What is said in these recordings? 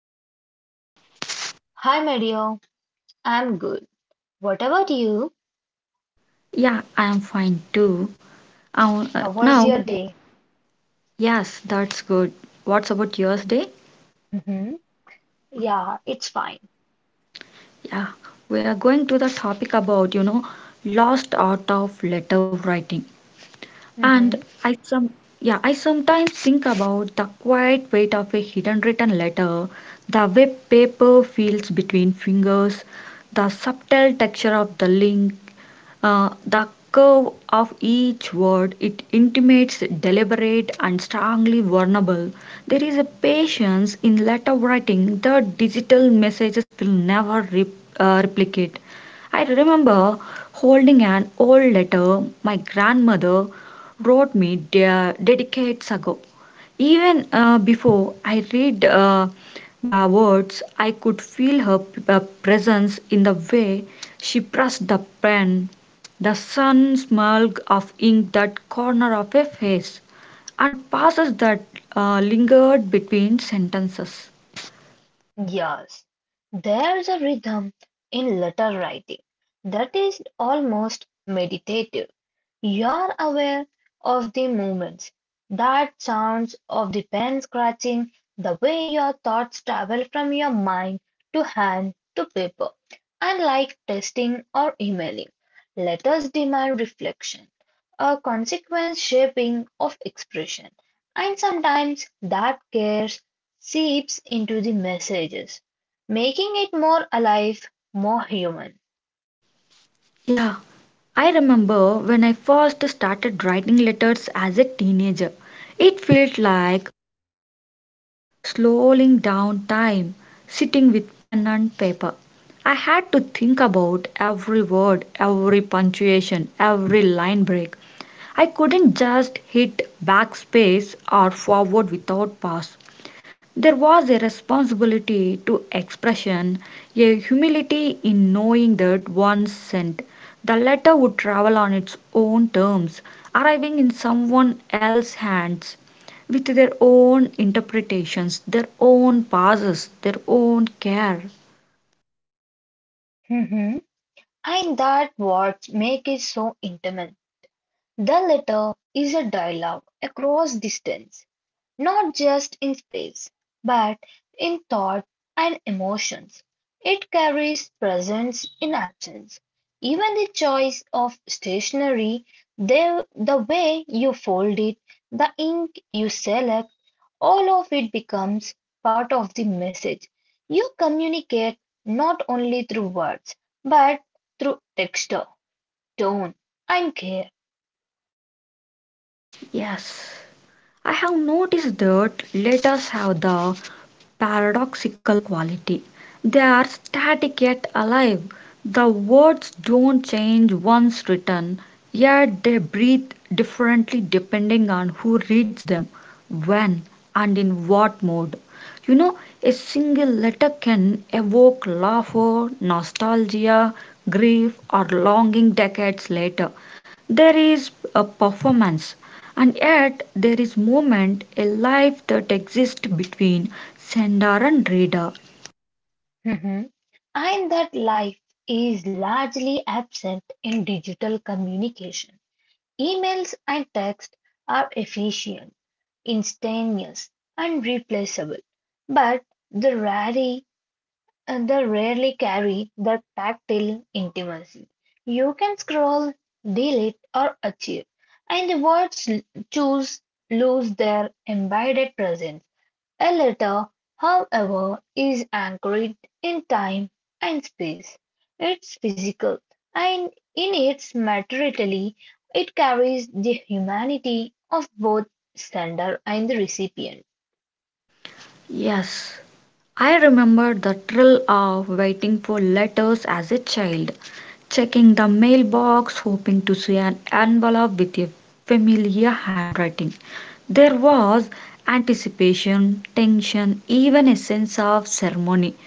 how are you? Hi, Mario. I'm good. What about you? Yeah, I am fine too. How Um, uh, was your now, day? yes, that's good. What's about yours day? Mm-hmm. Yeah, it's fine. Yeah, we are going to the topic about, you know, lost art of letter writing. Mm-hmm. And I some Yeah, I sometimes think about the quiet weight of a hidden written letter, the way paper feels between fingers, the subtle texture of the link, the curve of each word it intimates deliberate and strongly vulnerable. There is a patience in letter writing that digital messages will never replicate. I remember holding an old letter my grandmother wrote me decades ago. Even before I read the words, I could feel her presence in the way she pressed the pen the sun smug of ink that corner of a face, and pauses that lingered between sentences. Yes, there's a rhythm in letter writing that is almost meditative. You're aware of the movements, that sounds of the pen scratching, the way your thoughts travel from your mind to hand to paper. Unlike testing or emailing, letters demand reflection, a consequence shaping of expression, and sometimes that care seeps into the messages, making it more alive, more human. Yeah, I remember when I first started writing letters as a teenager. It felt like slowing down time, sitting with pen and paper. I had to think about every word, every punctuation, every line break. I couldn't just hit backspace or forward without pause. There was a responsibility to expression, a humility in knowing that one's scent, the letter would travel on its own terms, arriving in someone else's hands, with their own interpretations, their own pauses, their own care. Mhm. And that what makes it so intimate. The letter is a dialogue across distance, not just in space, but in thought and emotions. It carries presence in absence. Even the choice of stationery, the way you fold it, the ink you select, all of it becomes part of the message. You communicate not only through words, but through texture, tone, and care. Yes. I have noticed that letters have the paradoxical quality. They are static yet alive. The words don't change once written, yet they breathe differently depending on who reads them, when, and in what mode. You know, a single letter can evoke laughter, nostalgia, grief, or longing decades later. There is a performance, and yet there is movement, a life that exists between sender and reader. Mhm. And that life is largely absent in digital communication. Emails and text are efficient, instantaneous, and replaceable, but they rarely, they rarely carry the tactile intimacy. You can scroll, delete, or achieve, and choose lose their embedded presence. A letter, however, is anchored in time and space; it's physical, and in its materiality it carries the humanity of both sender and the recipient. Yes, I remember the thrill of waiting for letters as a child, checking the mailbox, hoping to see an envelope with a familiar handwriting. There was anticipation, tension, even a sense of ceremony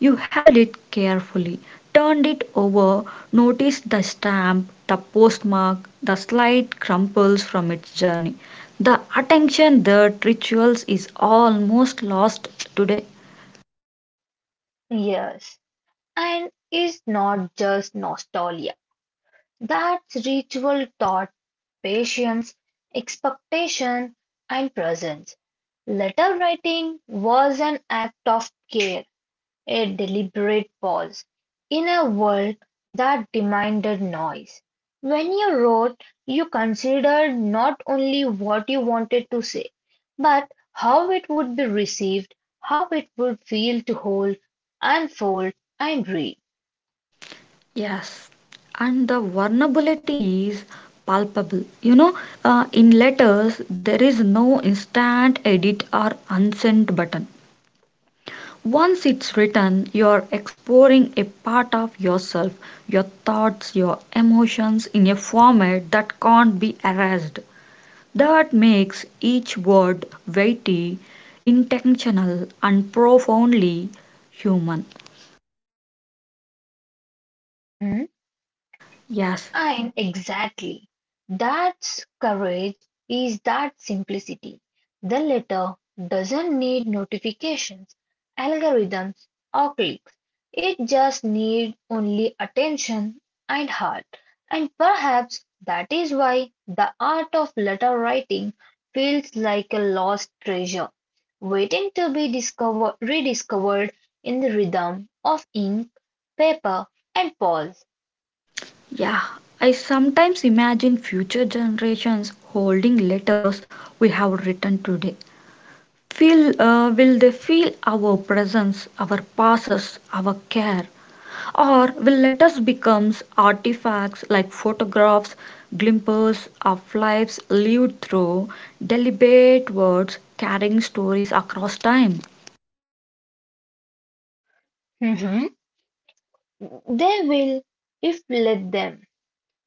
you held it carefully, turned it over, noticed the stamp, the postmark, the slight crumples from its journey. The attention that rituals is almost lost today. Yes, and is not just nostalgia. That's ritual taught patience, expectation, and presence. Letter writing was an act of care. A deliberate pause, in a world that demanded noise. When you wrote, you considered not only what you wanted to say, but how it would be received, how it would feel to hold, unfold, and read. Yes, and the vulnerability is palpable. You know, in letters, there is no instant edit or unsend button. Once it's written, you're exploring a part of yourself, your thoughts, your emotions in a format that can't be erased. That makes each word weighty, intentional, and profoundly human. Mhm. Yes, And exactly, that's courage is that simplicity. The letter doesn't need notifications, algorithms, or clicks. It just needs only attention and heart. And perhaps that is why the art of letter writing feels like a lost treasure, waiting to be discovered, rediscovered in the rhythm of ink, paper, and pause. yeah. I sometimes imagine future generations holding letters we have written today will they feel our presence, our passes, our care? Or will letters become artifacts like photographs, glimpses of lives lived through deliberate words carrying stories across time? They will, if let them.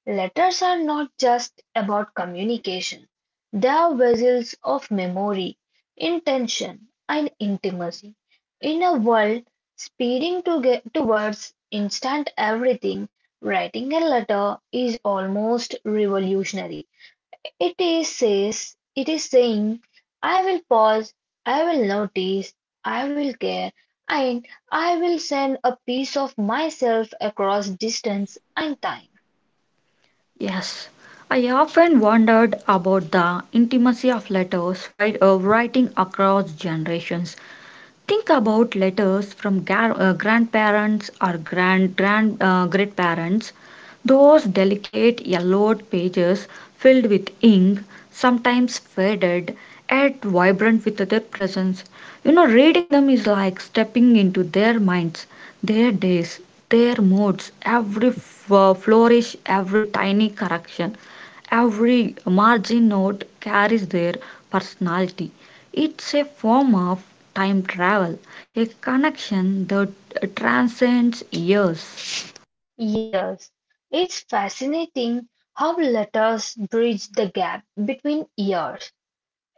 Letters are not just about communication, they are vessels of memory, intention, and intimacy. In a world speeding to get towards instant everything, writing a letter is almost revolutionary. It is says it is saying I will pause, I will notice, I will care, and I will send a piece of myself across distance and time. Yes, I often wondered about the intimacy of letters while writing across generations. Think about letters from grandparents or grand grand great parents. Those delicate yellowed pages filled with ink, sometimes faded, yet vibrant with their presence. You know, reading them is like stepping into their minds, their days, their moods, every flourish, every tiny correction, every margin note carries their personality. It's a form of time travel, a connection that transcends years. Yes, it's fascinating how letters bridge the gap between years.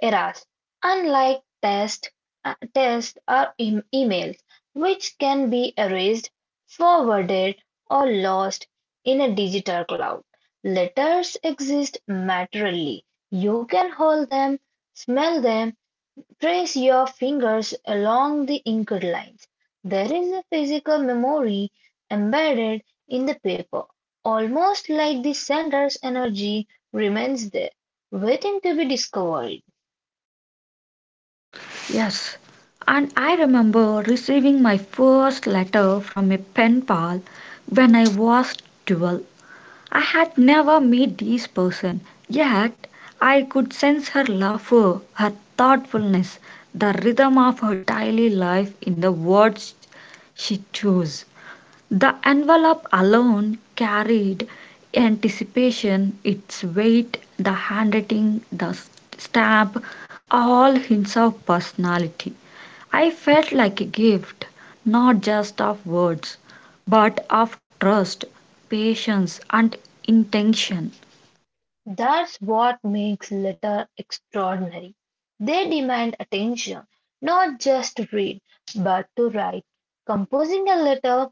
Errors, unlike text or emails, which can be erased, forwarded, or lost in a digital cloud. Letters exist materially. You can hold them, smell them, trace your fingers along the inked lines. There is a physical memory embedded in the paper, almost like the sender's energy remains there, waiting to be discovered. Yes, and I remember receiving my first letter from a pen pal when I was 12. I had never met this person, yet I could sense her laughter, her thoughtfulness, the rhythm of her daily life in the words she chose. The envelope alone carried anticipation, its weight, the handwriting, the stamp, all hints of personality. I felt like a gift, not just of words, but of trust, patience, and intention. That's what makes Letter extraordinary. They demand attention, not just to read, but to write. Composing a letter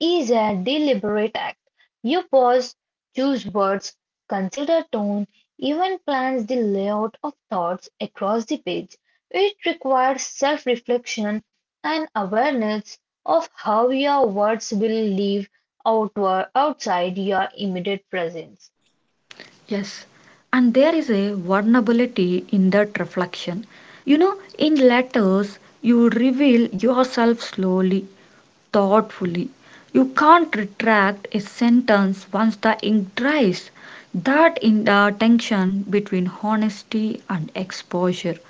is a deliberate act. You pause, choose words, consider tone, even plans the layout of thoughts across the page. It requires self reflection and awareness of how your words will live outward, outside your immediate presence. Yes, and there is a vulnerability in that reflection. You know, in letters, you reveal yourself slowly thoughtfully. You can't retract a sentence once the ink dries. That in the tension between honesty and exposure.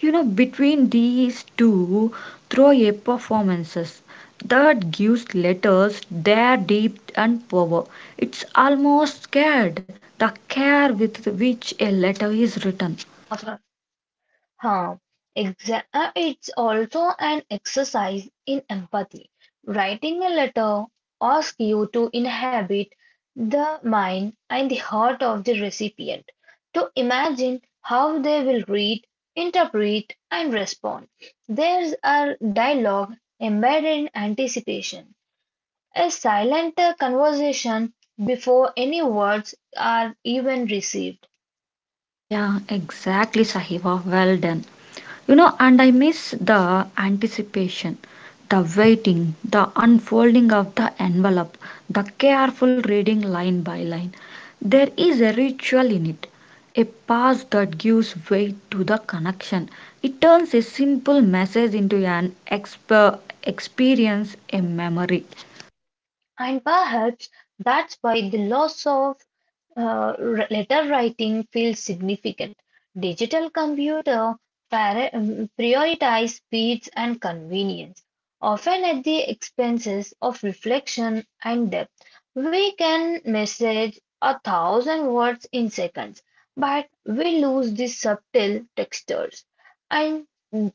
You know, between these two, throw a performances that gives letters their depth and power. It's almost scared the care with which a letter is written. Of huh? It's also an exercise in empathy. Writing a letter asks you to inhabit the mind and the heart of the recipient, to imagine how they will read, interpret, and respond. There's a dialogue embedded in anticipation, a silent conversation before any words are even received. Yeah, exactly, Sahiba. Well done. You know, and I miss the anticipation, the waiting, the unfolding of the envelope, the careful reading line by line. There is a ritual in it, a pause that gives weight to the connection. It turns a simple message into an experience, a memory. And perhaps that's why the loss of letter writing feels significant. Digital computer prioritize speeds and convenience, often at the expenses of reflection and depth. We can message a thousand words in seconds, but we lose the subtle textures and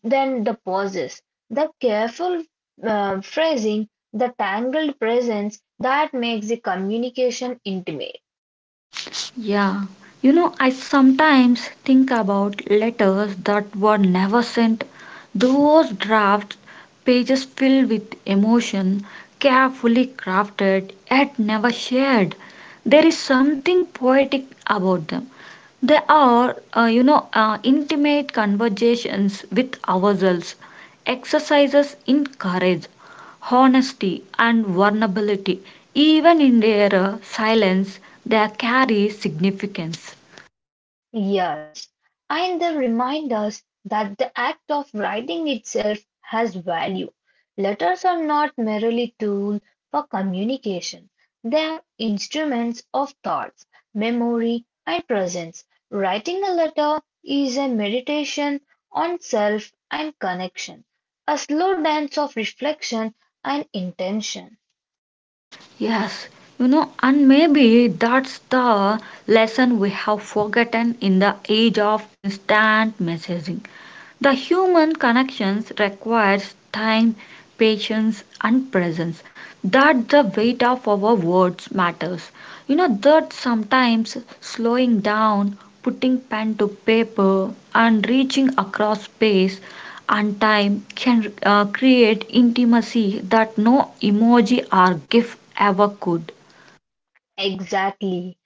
then the pauses, the careful phrasing, the tangled presence that makes the communication intimate. Yeah, you know, I sometimes think about letters that were never sent. Those draft pages filled with emotion, carefully crafted, yet never shared. There is something poetic about them. There are intimate conversations with ourselves, exercises in courage, honesty, and vulnerability. Even in their silence, they carry significance. Yes, and they remind us that the act of writing itself has value. Letters are not merely tools for communication. They are instruments of thoughts, memory, and presence. Writing a letter is a meditation on self and connection, a slow dance of reflection and intention. Yes, you know, and maybe that's the lesson we have forgotten in the age of instant messaging. The human connections requires time, patience, and presence. That the weight of our words matters. You know that sometimes slowing down, putting pen to paper, and reaching across space and time can create intimacy that no emoji or gif ever could. Exactly.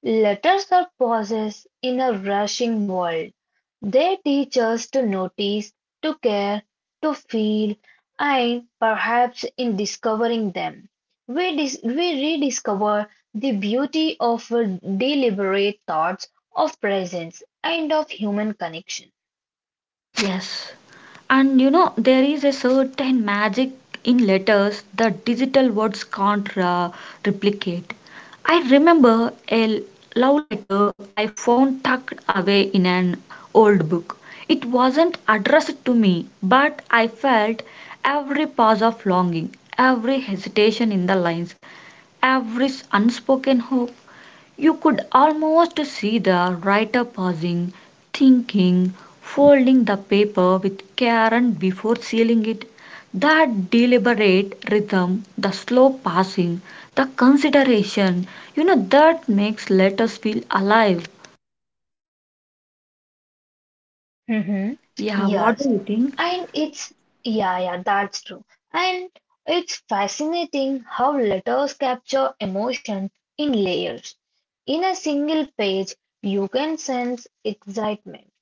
Letters are pauses in a rushing world. They teach us to notice, to care, to feel, and perhaps in discovering them, we rediscover the beauty of deliberate thoughts, of presence, and of human connection. Yes. And you know, there is a certain magic in letters that digital words can't replicate. I remember a love letter I found tucked away in an old book. It wasn't addressed to me, but I felt every pause of longing, every hesitation in the lines, every unspoken hope. You could almost see the writer pausing, thinking, folding the paper with care and before sealing it. That deliberate rhythm, the slow passing, the consideration, you know, that makes letters feel alive. Mm-hmm. Yeah, what do you Yes. think? And yeah, yeah, that's true. And it's fascinating how letters capture emotion in layers. In a single page, you can sense excitement,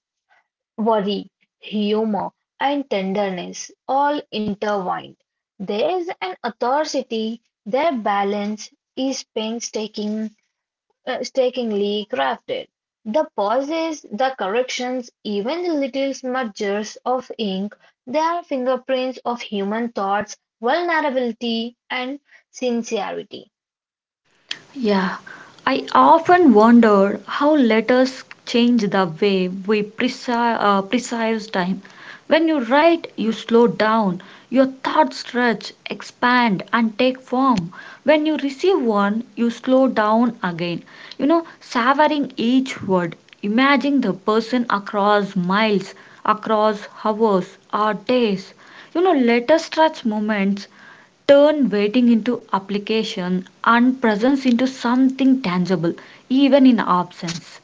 worry, humor, and tenderness all intertwined. There is an authority, their balance is painstaking strikingly crafted. The pauses, the corrections, even the little smudgers of ink, they are fingerprints of human thoughts, vulnerability, and sincerity. Yeah, I often wonder how letters change the way we precise perceive time. When you write, you slow down, your thoughts stretch, expand, and take form. When you receive one, you slow down again, you know, savoring each word, imagining the person across miles, across hours, or days. You know, letter stretch moments turn waiting into application and presence into something tangible, even in absence.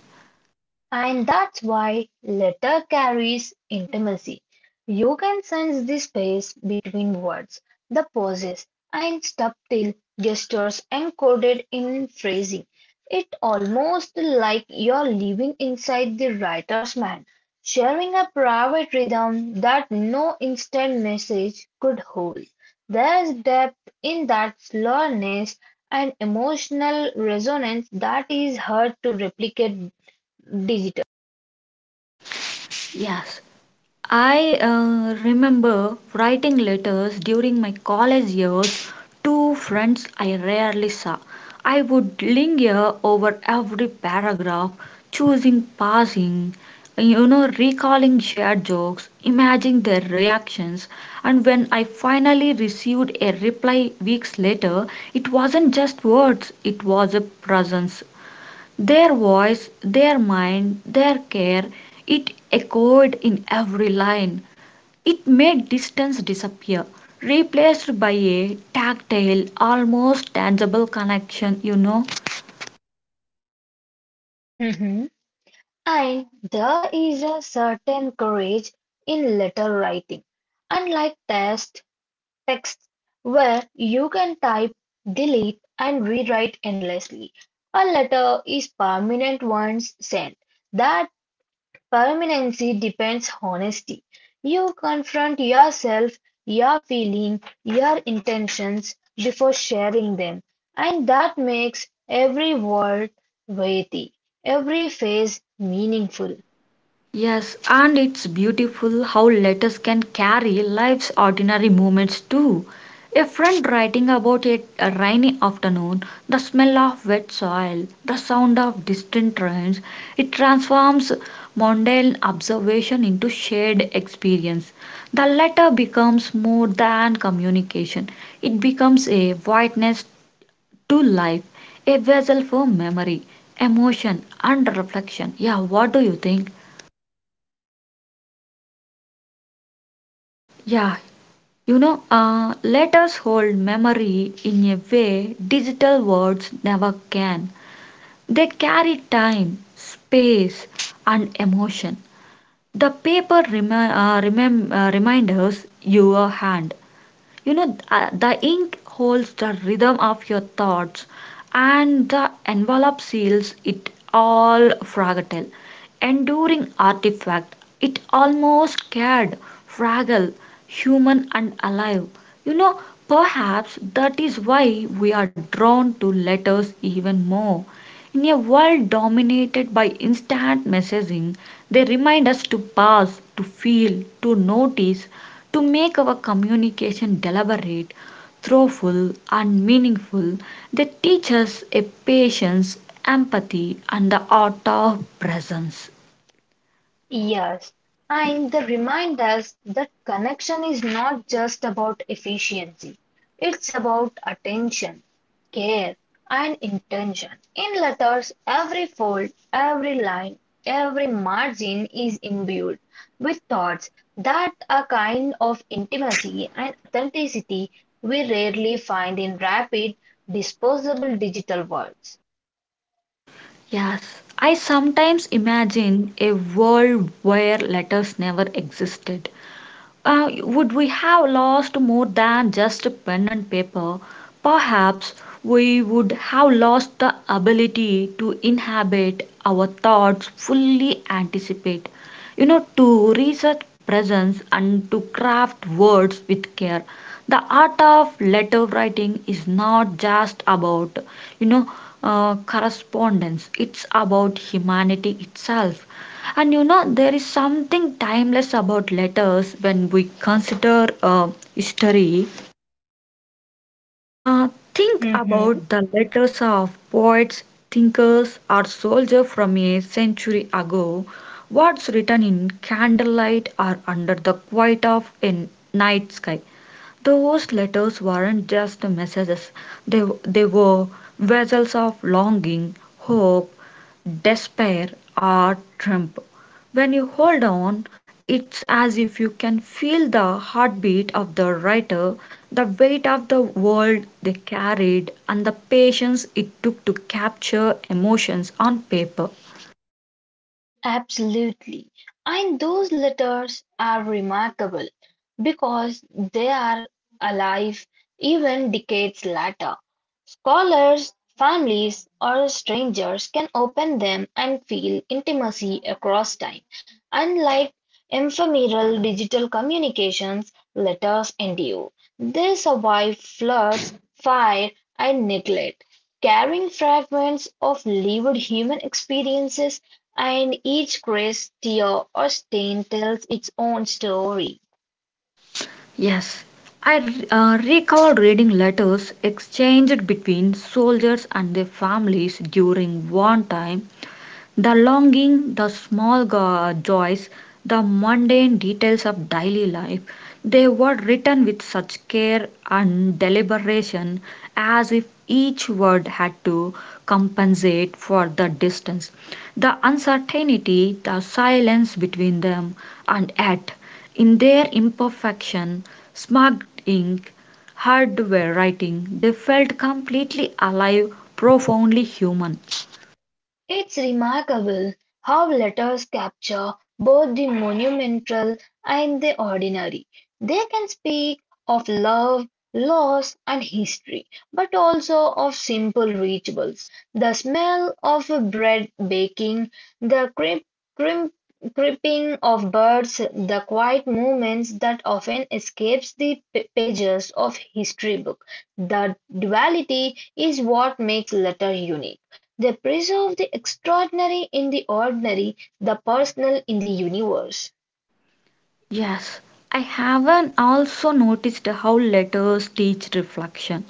And that's why letter carries intimacy. You can sense the space between words, the pauses, and subtle gestures encoded in phrasing. It almost like you're living inside the writer's mind, sharing a private rhythm that no instant message could hold. There's depth in that slowness and emotional resonance that is hard to replicate digital. Yes, I remember writing letters during my college years to friends I rarely saw. I would linger over every paragraph, choosing passing, you know, recalling shared jokes, imagining their reactions, and when I finally received a reply weeks later, it wasn't just words, it was a presence, their voice, their mind, their care, it echoed in every line. It made distance disappear, replaced by a tactile, almost tangible connection, you know. Mhm. And there is a certain courage in letter writing, unlike texts where you can type, delete, and rewrite endlessly. A letter is permanent once sent. That permanency depends honesty. You confront yourself, your feeling, your intentions before sharing them, and that makes every word weighty, every phase meaningful. Yes, and it's beautiful how letters can carry life's ordinary moments too. A friend writing about a rainy afternoon, the smell of wet soil, the sound of distant trains, it transforms mundane observation into shared experience. The letter becomes more than communication, it becomes a witness to life, a vessel for memory, emotion, and reflection. Yeah, what do you think? Yeah, you know let us hold memory in a way digital words never can they carry time space and emotion the paper reminders your hand you know the ink holds the rhythm of your thoughts and the envelope seals it all fragile enduring artifact it almost scared fragile human and alive you know perhaps that is why we are drawn to letters even more in a world dominated by instant messaging, they remind us to pause, to feel, to notice, to make our communication deliberate, thoughtful, and meaningful. They teach us a patience, empathy, and the art of presence. Yes, and they remind us that connection is not just about efficiency, it's about attention, care, and intention. In letters, every fold, every line, every margin is imbued with thoughts that are kind of intimacy and authenticity we rarely find in rapid, disposable digital worlds. Yes, I sometimes imagine a world where letters never existed would we have lost more than just pen and paper? Perhaps we would have lost the ability to inhabit our thoughts, fully anticipate, you know, to research presence and to craft words with care. The art of letter writing is not just about, you know, correspondence, it's about humanity itself and you know, there is something timeless about letters when we consider history. Uh, think about the letters of poets, thinkers, or soldiers from a century ago. What's written in candlelight or under the quiet of a night sky? Those letters weren't just messages, they were vessels of longing, hope, despair, or triumph. When you hold on, it's as if you can feel the heartbeat of the writer, the weight of the world they carried, and the patience it took to capture emotions on paper. Absolutely. And those letters are remarkable because they are alive even decades later. Scholars, families, or strangers can open them and feel intimacy across time. Unlike ephemeral digital communications, letters endure. They survive floods, fire, and neglect, carrying fragments of lived human experiences and each crest, tear, or stain tells its own story. Yes, I recall reading letters exchanged between soldiers and their families during wartime the longing, the joys, the mundane details of daily life, they were written with such care and deliberation as if each word had to compensate for the distance, the uncertainty, the silence between them, and yet, in their imperfection, smudged ink, hardware writing, they felt completely alive, profoundly human. It's remarkable how letters capture both the monumental and the ordinary. They can speak of love, loss, and history, but also of simple rituals, the smell of bread baking, the creep, crimp, creeping of birds, the quiet movements that often escapes the pages of history book. The duality is what makes letter unique. They preserve the extraordinary in the ordinary, the personal in the universe. Yes, I haven't also noticed how letters teach reflection.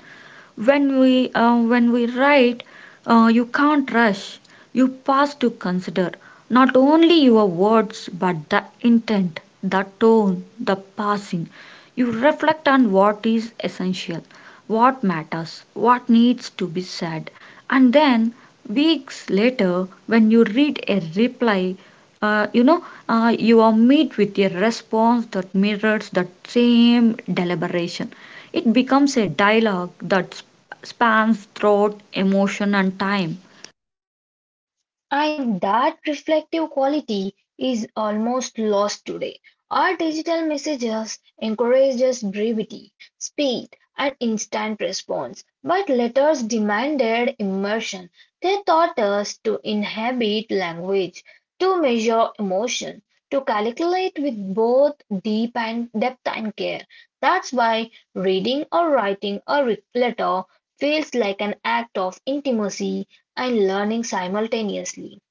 When we write, you can't rush. You pause to consider not only your words but the intent, the tone, the passing. You reflect on what is essential, what matters, what needs to be said, and then weeks later, when you read a reply uh, you know you are met with a response that mirrors that same deliberation. It becomes a dialogue that spans throughout emotion and time. And that reflective quality is almost lost today. Our digital messages encourage us brevity, speed, and instant response, but letters demanded immersion. They taught us to inhabit language, to measure emotion, to calculate with both deep and depth and care. That's why reading or writing a letter feels like an act of intimacy and learning simultaneously.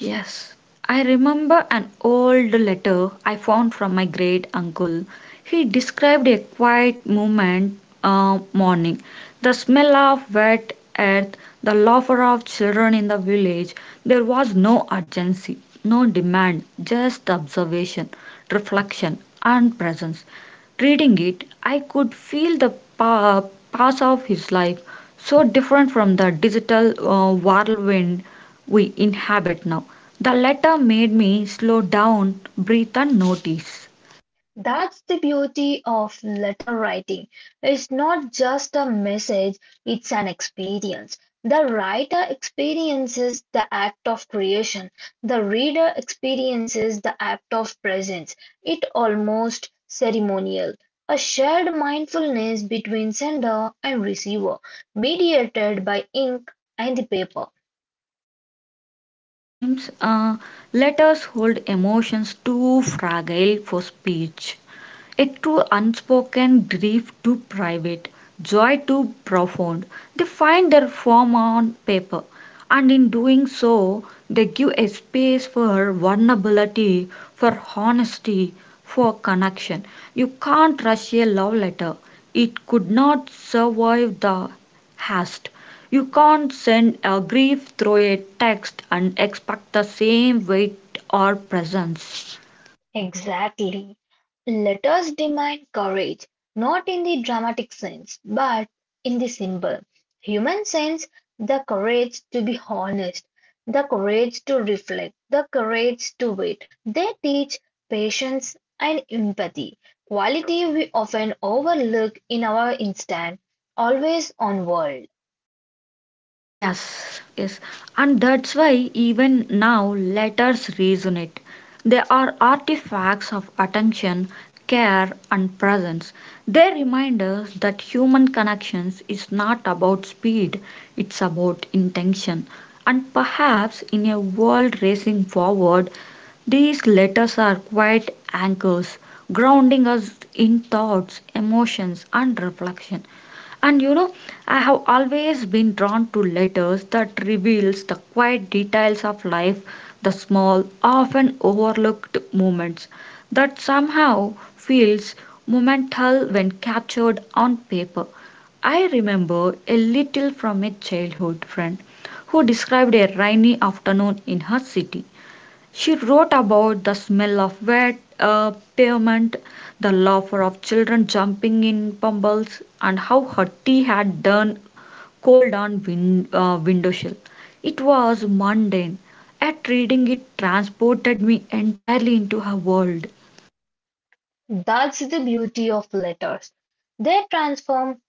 Yes, I remember an old letter I found from my great uncle. He described a quiet moment, morning, the smell of wet earth, the laughter of children in the village. There was no urgency, no demand, just observation, reflection, and presence. Reading it, I could feel the pa- pass of his life, so different from the digital whirlwind we inhabit now. The letter made me slow down, breathe, and notice. That's the beauty of letter writing. It's not just a message, it's an experience. The writer experiences the act of creation, the reader experiences the act of presence. It almost ceremonial. A shared mindfulness between sender and receiver, mediated by ink and the paper. Yeah, sometimes letters hold emotions too fragile for speech. Yet through unspoken grief too private, joy too profound, they find their form on paper, and in doing so, they give a space for vulnerability, for honesty, for connection. You can't rush a love letter, it could not survive the haste. You can't send a grief through a text and expect the same weight or presence. Exactly. Let us demand courage, not in the dramatic sense, but in the simple human sense the courage to be honest, the courage to reflect, the courage to wait. They teach patience and empathy, quality we often overlook in our instant, always on world. Yes, yes. And that's why even now letters resonate. They are artifacts of attention, care, and presence. They remind us that human connections is not about speed, it's about intention. And perhaps in a world racing forward, these letters are quite anchors, grounding us in thoughts, emotions, and reflection. And you know, I have always been drawn to letters that reveals the quiet details of life, the small, often overlooked moments that somehow feels momental when captured on paper. I remember a little from a childhood friend who described a rainy afternoon in her city. She wrote about the smell of wet, pavement, the laughter of children jumping in pummels, and how her tea had turned cold on windowsill. It was mundane. At reading it transported me entirely into her world. That's the beauty of letters. They transform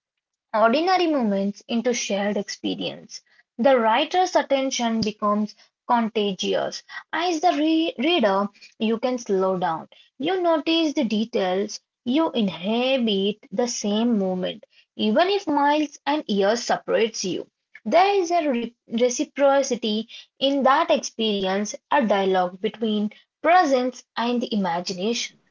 ordinary moments into shared experience. The writer's attention becomes contagious. As the reader, you can slow down. You notice the details. You inhabit the same moment, even if miles and years separates you. There is a reciprocity in that experience, a dialogue between presence and the imagination.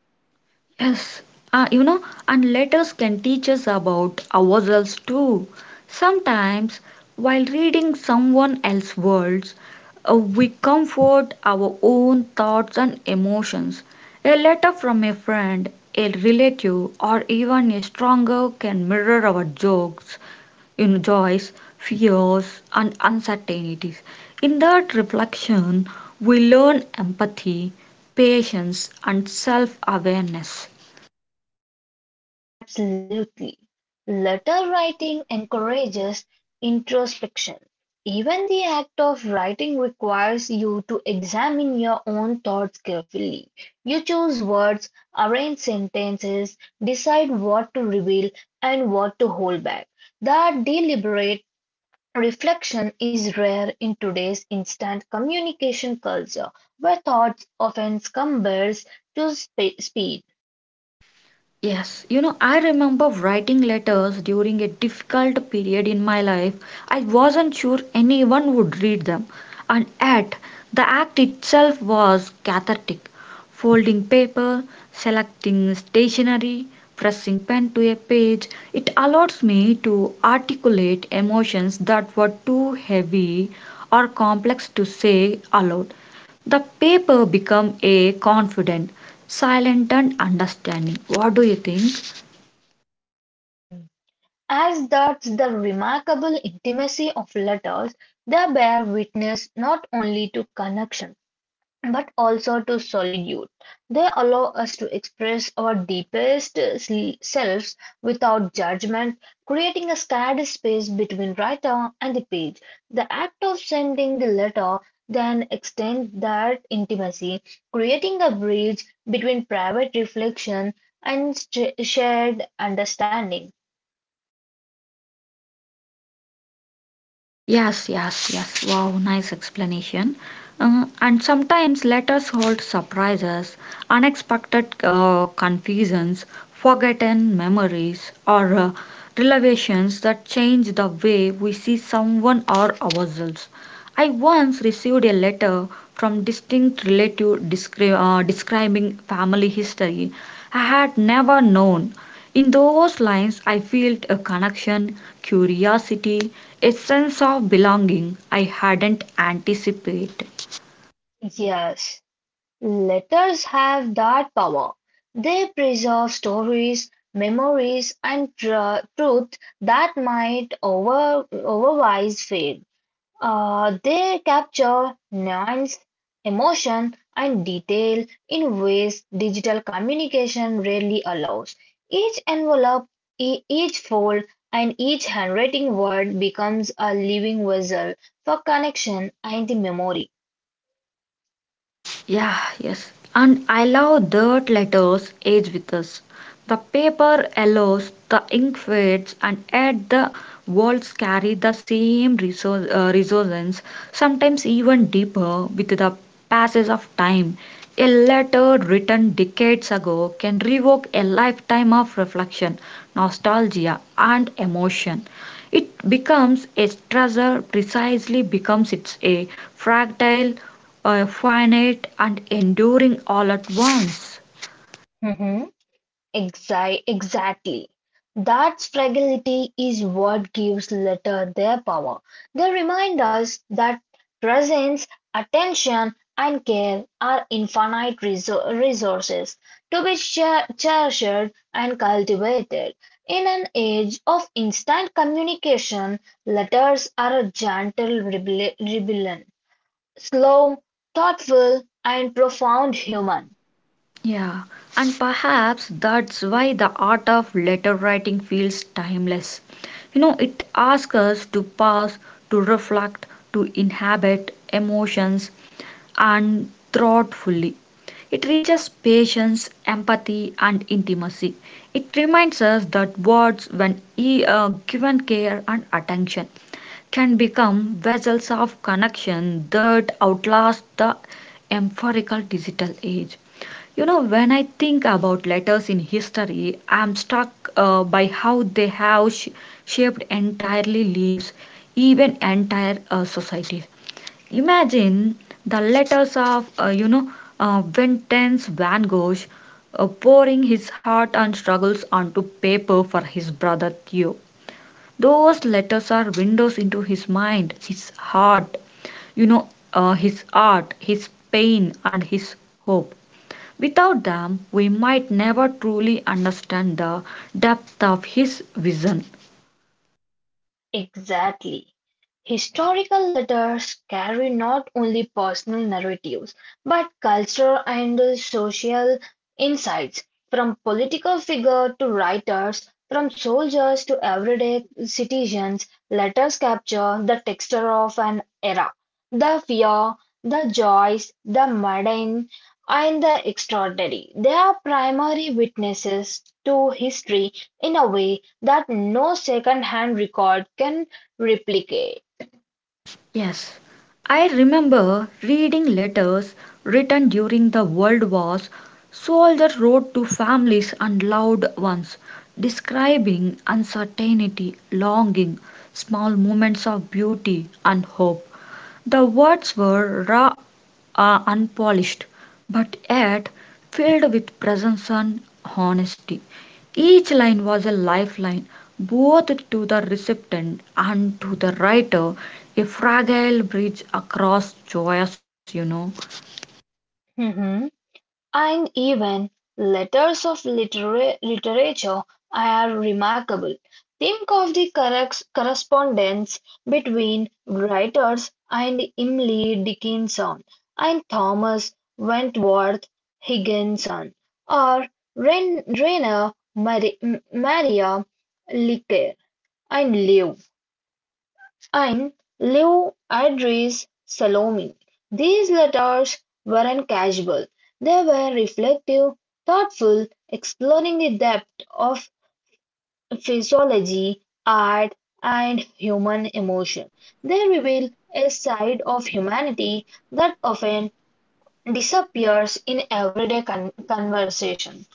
Yes, you know, and letters can teach us about ourselves too. Sometimes, while reading someone else's words, we comfort our own thoughts and emotions. A letter from a friend, a relative, or even a stronger can mirror our jokes, you know, joys, fears, and uncertainties. In that reflection, we learn empathy, patience, and self awareness. Absolutely. Letter writing encourages introspection. Even the act of writing requires you to examine your own thoughts carefully. You choose words, arrange sentences, decide what to reveal and what to hold back. That deliberate reflection is rare in today's instant communication culture, where thoughts often compares to speed. Yes, you know, I remember writing letters during a difficult period in my life. I wasn't sure anyone would read them, and yet the act itself was cathartic. Folding paper, selecting stationery, pressing pen to a page, it allows me to articulate emotions that were too heavy or complex to say aloud. The paper become a confident, silent and understanding. What do you think? Hmm. As does the remarkable intimacy of letters, they bear witness not only to connection, but also to solitude. They allow us to express our deepest selves without judgment, creating a scared space between writer and the page. The act of sending the letter then extends that intimacy, creating a bridge between private reflection and shared understanding. Yes, yes, yes. Wow, nice explanation. And sometimes letters hold surprises, unexpected confusions, forgotten memories, or revelations that change the way we see someone or ourselves. I once received a letter from distinct relative describing family history I had never known. In those lines, I felt a connection, curiosity, a sense of belonging I hadn't anticipated. Yes. Letters have that power; they preserve stories, memories, and truth that might otherwise fade. They capture nuance, emotion, and detail in ways digital communication rarely allows. Each envelope, each fold, and each handwriting word becomes a living vessel for connection and the memory. Yeah, yes. And I love that letters age with us. The paper yellows, the ink fades, and yet the walls carry the same resource, resonance, sometimes even deeper with the passage of time. A letter written decades ago can revoke a lifetime of reflection, nostalgia, and emotion. It becomes a stressor precisely becomes it's a fragile, finite, and enduring all at once. Mhm. Exactly. That fragility is what gives letter their power. They remind us that presence, attention, and care are infinite resources to be cherished and cultivated. In an age of instant communication, letters are a gentle rebellion, slow, thoughtful, and profound human. Yeah, and perhaps that's why the art of letter writing feels timeless. You know, it asks us to pause, to reflect, to inhabit emotions and thoughtfully. It reaches patience, empathy, and intimacy. It reminds us that words, when given care and attention, can become vessels of connection that outlast the empirical digital age. You know, when I think about letters in history, I'm struck by how they have shaped entirely lives, even entire societies. Imagine the letters of, Vincent van Gogh, pouring his heart and struggles onto paper for his brother Theo. Those letters are windows into his mind, his heart, you know, his art, his pain, and his hope. Without them, we might never truly understand the depth of his vision. Exactly. Historical letters carry not only personal narratives but cultural and social insights, from political figures to writers, from soldiers to everyday citizens. Letters capture the texture of an era, the fear, the joys, the mundane, and the extraordinary. They are primary witnesses to history in a way that no second-hand record can replicate. Yes, I remember reading letters written during the World Wars. Soldiers wrote to families and loved ones, describing uncertainty, longing, small moments of beauty and hope. The words were raw, unpolished, but yet filled with presence and honesty. Each line was a lifeline, both to the recipient and to the writer, a fragile bridge across joyous, you know. Hmm. And even letters of literature are remarkable. Think of the correspondence between writers and Emily Dickinson and Thomas Wentworth Higginson or Rainer Maria Leaker and Leo. And Lew Andrees Salome, these letters weren't casual, they were reflective, thoughtful, exploring the depth of physiology, art, and human emotion. They reveal a side of humanity that often disappears in everyday conversation.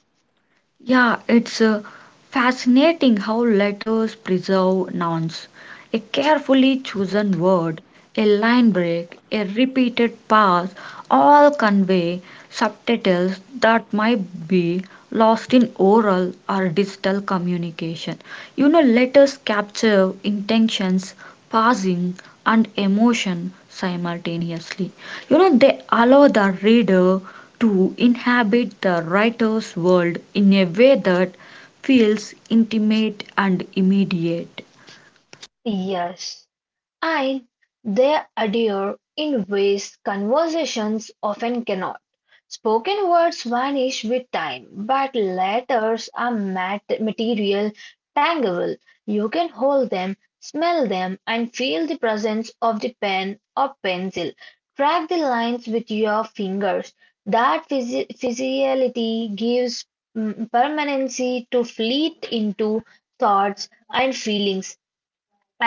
Yeah, it's fascinating how letters preserve nouns. A carefully chosen word, a line break, a repeated pass all convey subtitles that might be lost in oral or digital communication. You know, letters capture intentions, passing, and emotion simultaneously. You know, they allow the reader to inhabit the writer's world in a way that feels intimate and immediate. Yes. And they adhere in ways conversations often cannot. Spoken words vanish with time, but letters are material, tangible. You can hold them, smell them, and feel the presence of the pen or pencil. Track the lines with your fingers. That physicality gives permanency to fleet into thoughts and feelings.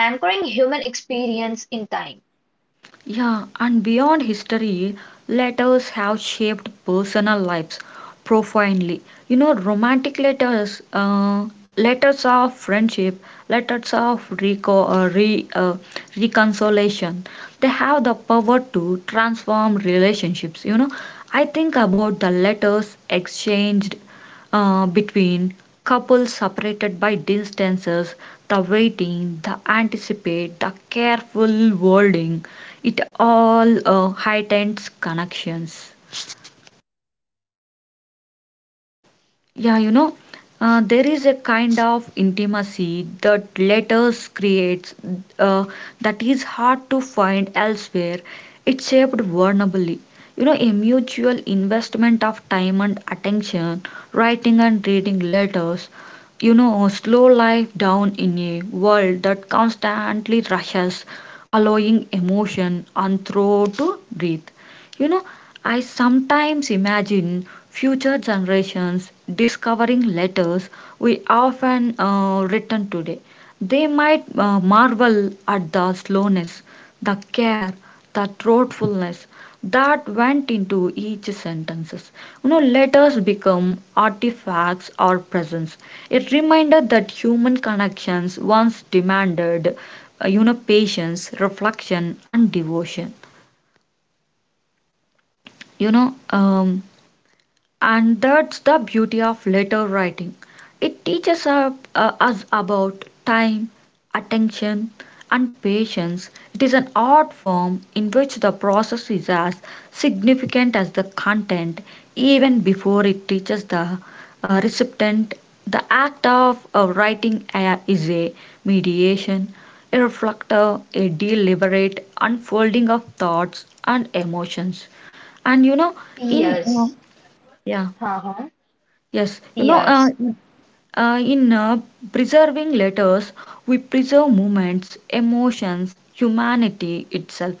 Anchoring human experience in time. Yeah, and beyond history, letters have shaped personal lives profoundly. You know, romantic letters, letters of friendship, letters of reconciliation, they have the power to transform relationships. You know, I think about the letters exchanged between couples separated by distances, the waiting, the anticipate, the careful wording, it all heightens connections. Yeah, there is a kind of intimacy that letters creates uh, that is hard to find elsewhere. It's shaped vulnerably. You know, a mutual investment of time and attention, writing and reading letters, you know, slow life down in a world that constantly rushes, allowing emotion and throw to breathe. You know, I sometimes imagine future generations discovering letters we often written today. They might marvel at the slowness, the care, the thoughtfulness that went into each sentences. You know, letters become artifacts or presents. It reminded that human connections once demanded, patience, reflection, and devotion you know um, And that's the beauty of letter writing. It teaches us about time, attention, and patience. It is an art form in which the process is as significant as the content, even before it teaches the recipient. The act of writing a, is a mediation, a reflector, a deliberate unfolding of thoughts and emotions. And you know, in Yes. yeah. Uh-huh. Yes, you know, Yes. In preserving letters, we preserve moments, emotions, humanity itself.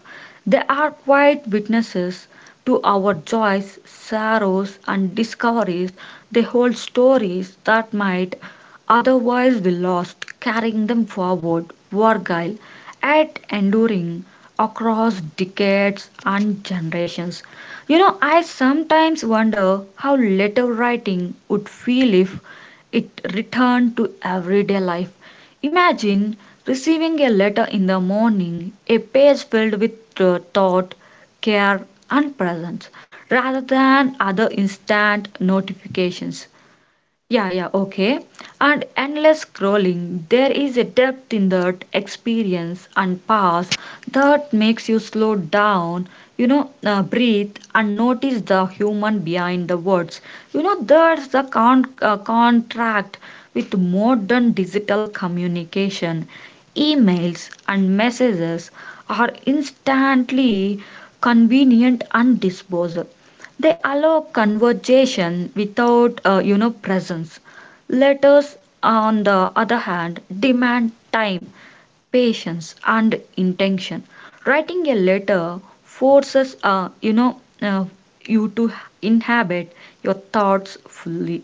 They are quiet witnesses to our joys, sorrows, and discoveries. They hold stories that might otherwise be lost, carrying them forward, Wargile, at enduring across decades and generations. You know, I sometimes wonder how letter writing would feel if it returned to everyday life. Imagine receiving a letter in the morning, a page filled with thought, care, and presence, rather than other instant notifications. Yeah, yeah, okay. And endless scrolling, there is a depth in that experience and pause that makes you slow down, breathe and notice the human behind the words. You know, there's the contract with modern digital communication. Emails and messages are instantly convenient and disposable. They allow conversation without, presence. Letters, on the other hand, demand time, patience, and intention. Writing a letter forces, you to inhabit your thoughts fully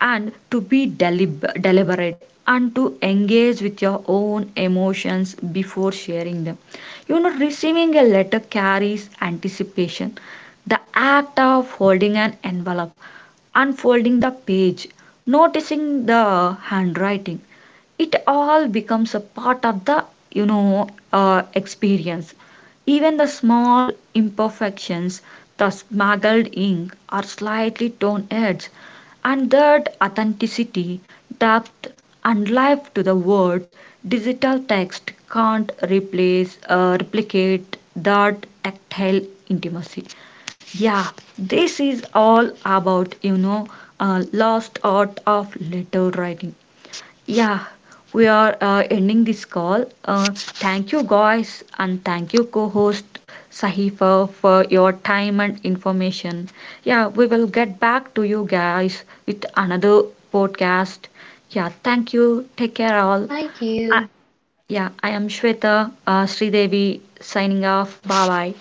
and to be deliberate and to engage with your own emotions before sharing them. You know, receiving a letter carries anticipation. The act of holding an envelope, unfolding the page, noticing the handwriting, it all becomes a part of the experience. Even the small imperfections, the smuggled ink or slightly torn edge, and that authenticity, depth, and life to the words, digital text can't replicate that tactile intimacy. Yeah, this is all about, lost art of letter writing. Yeah, we are ending this call. Thank you, guys, and thank you, co host Sahifa, for your time and information. Yeah, we will get back to you guys with another podcast. Yeah, thank you. Take care, all. Thank Uh, you. yeah, I am Shweta Sridevi signing off. Bye bye.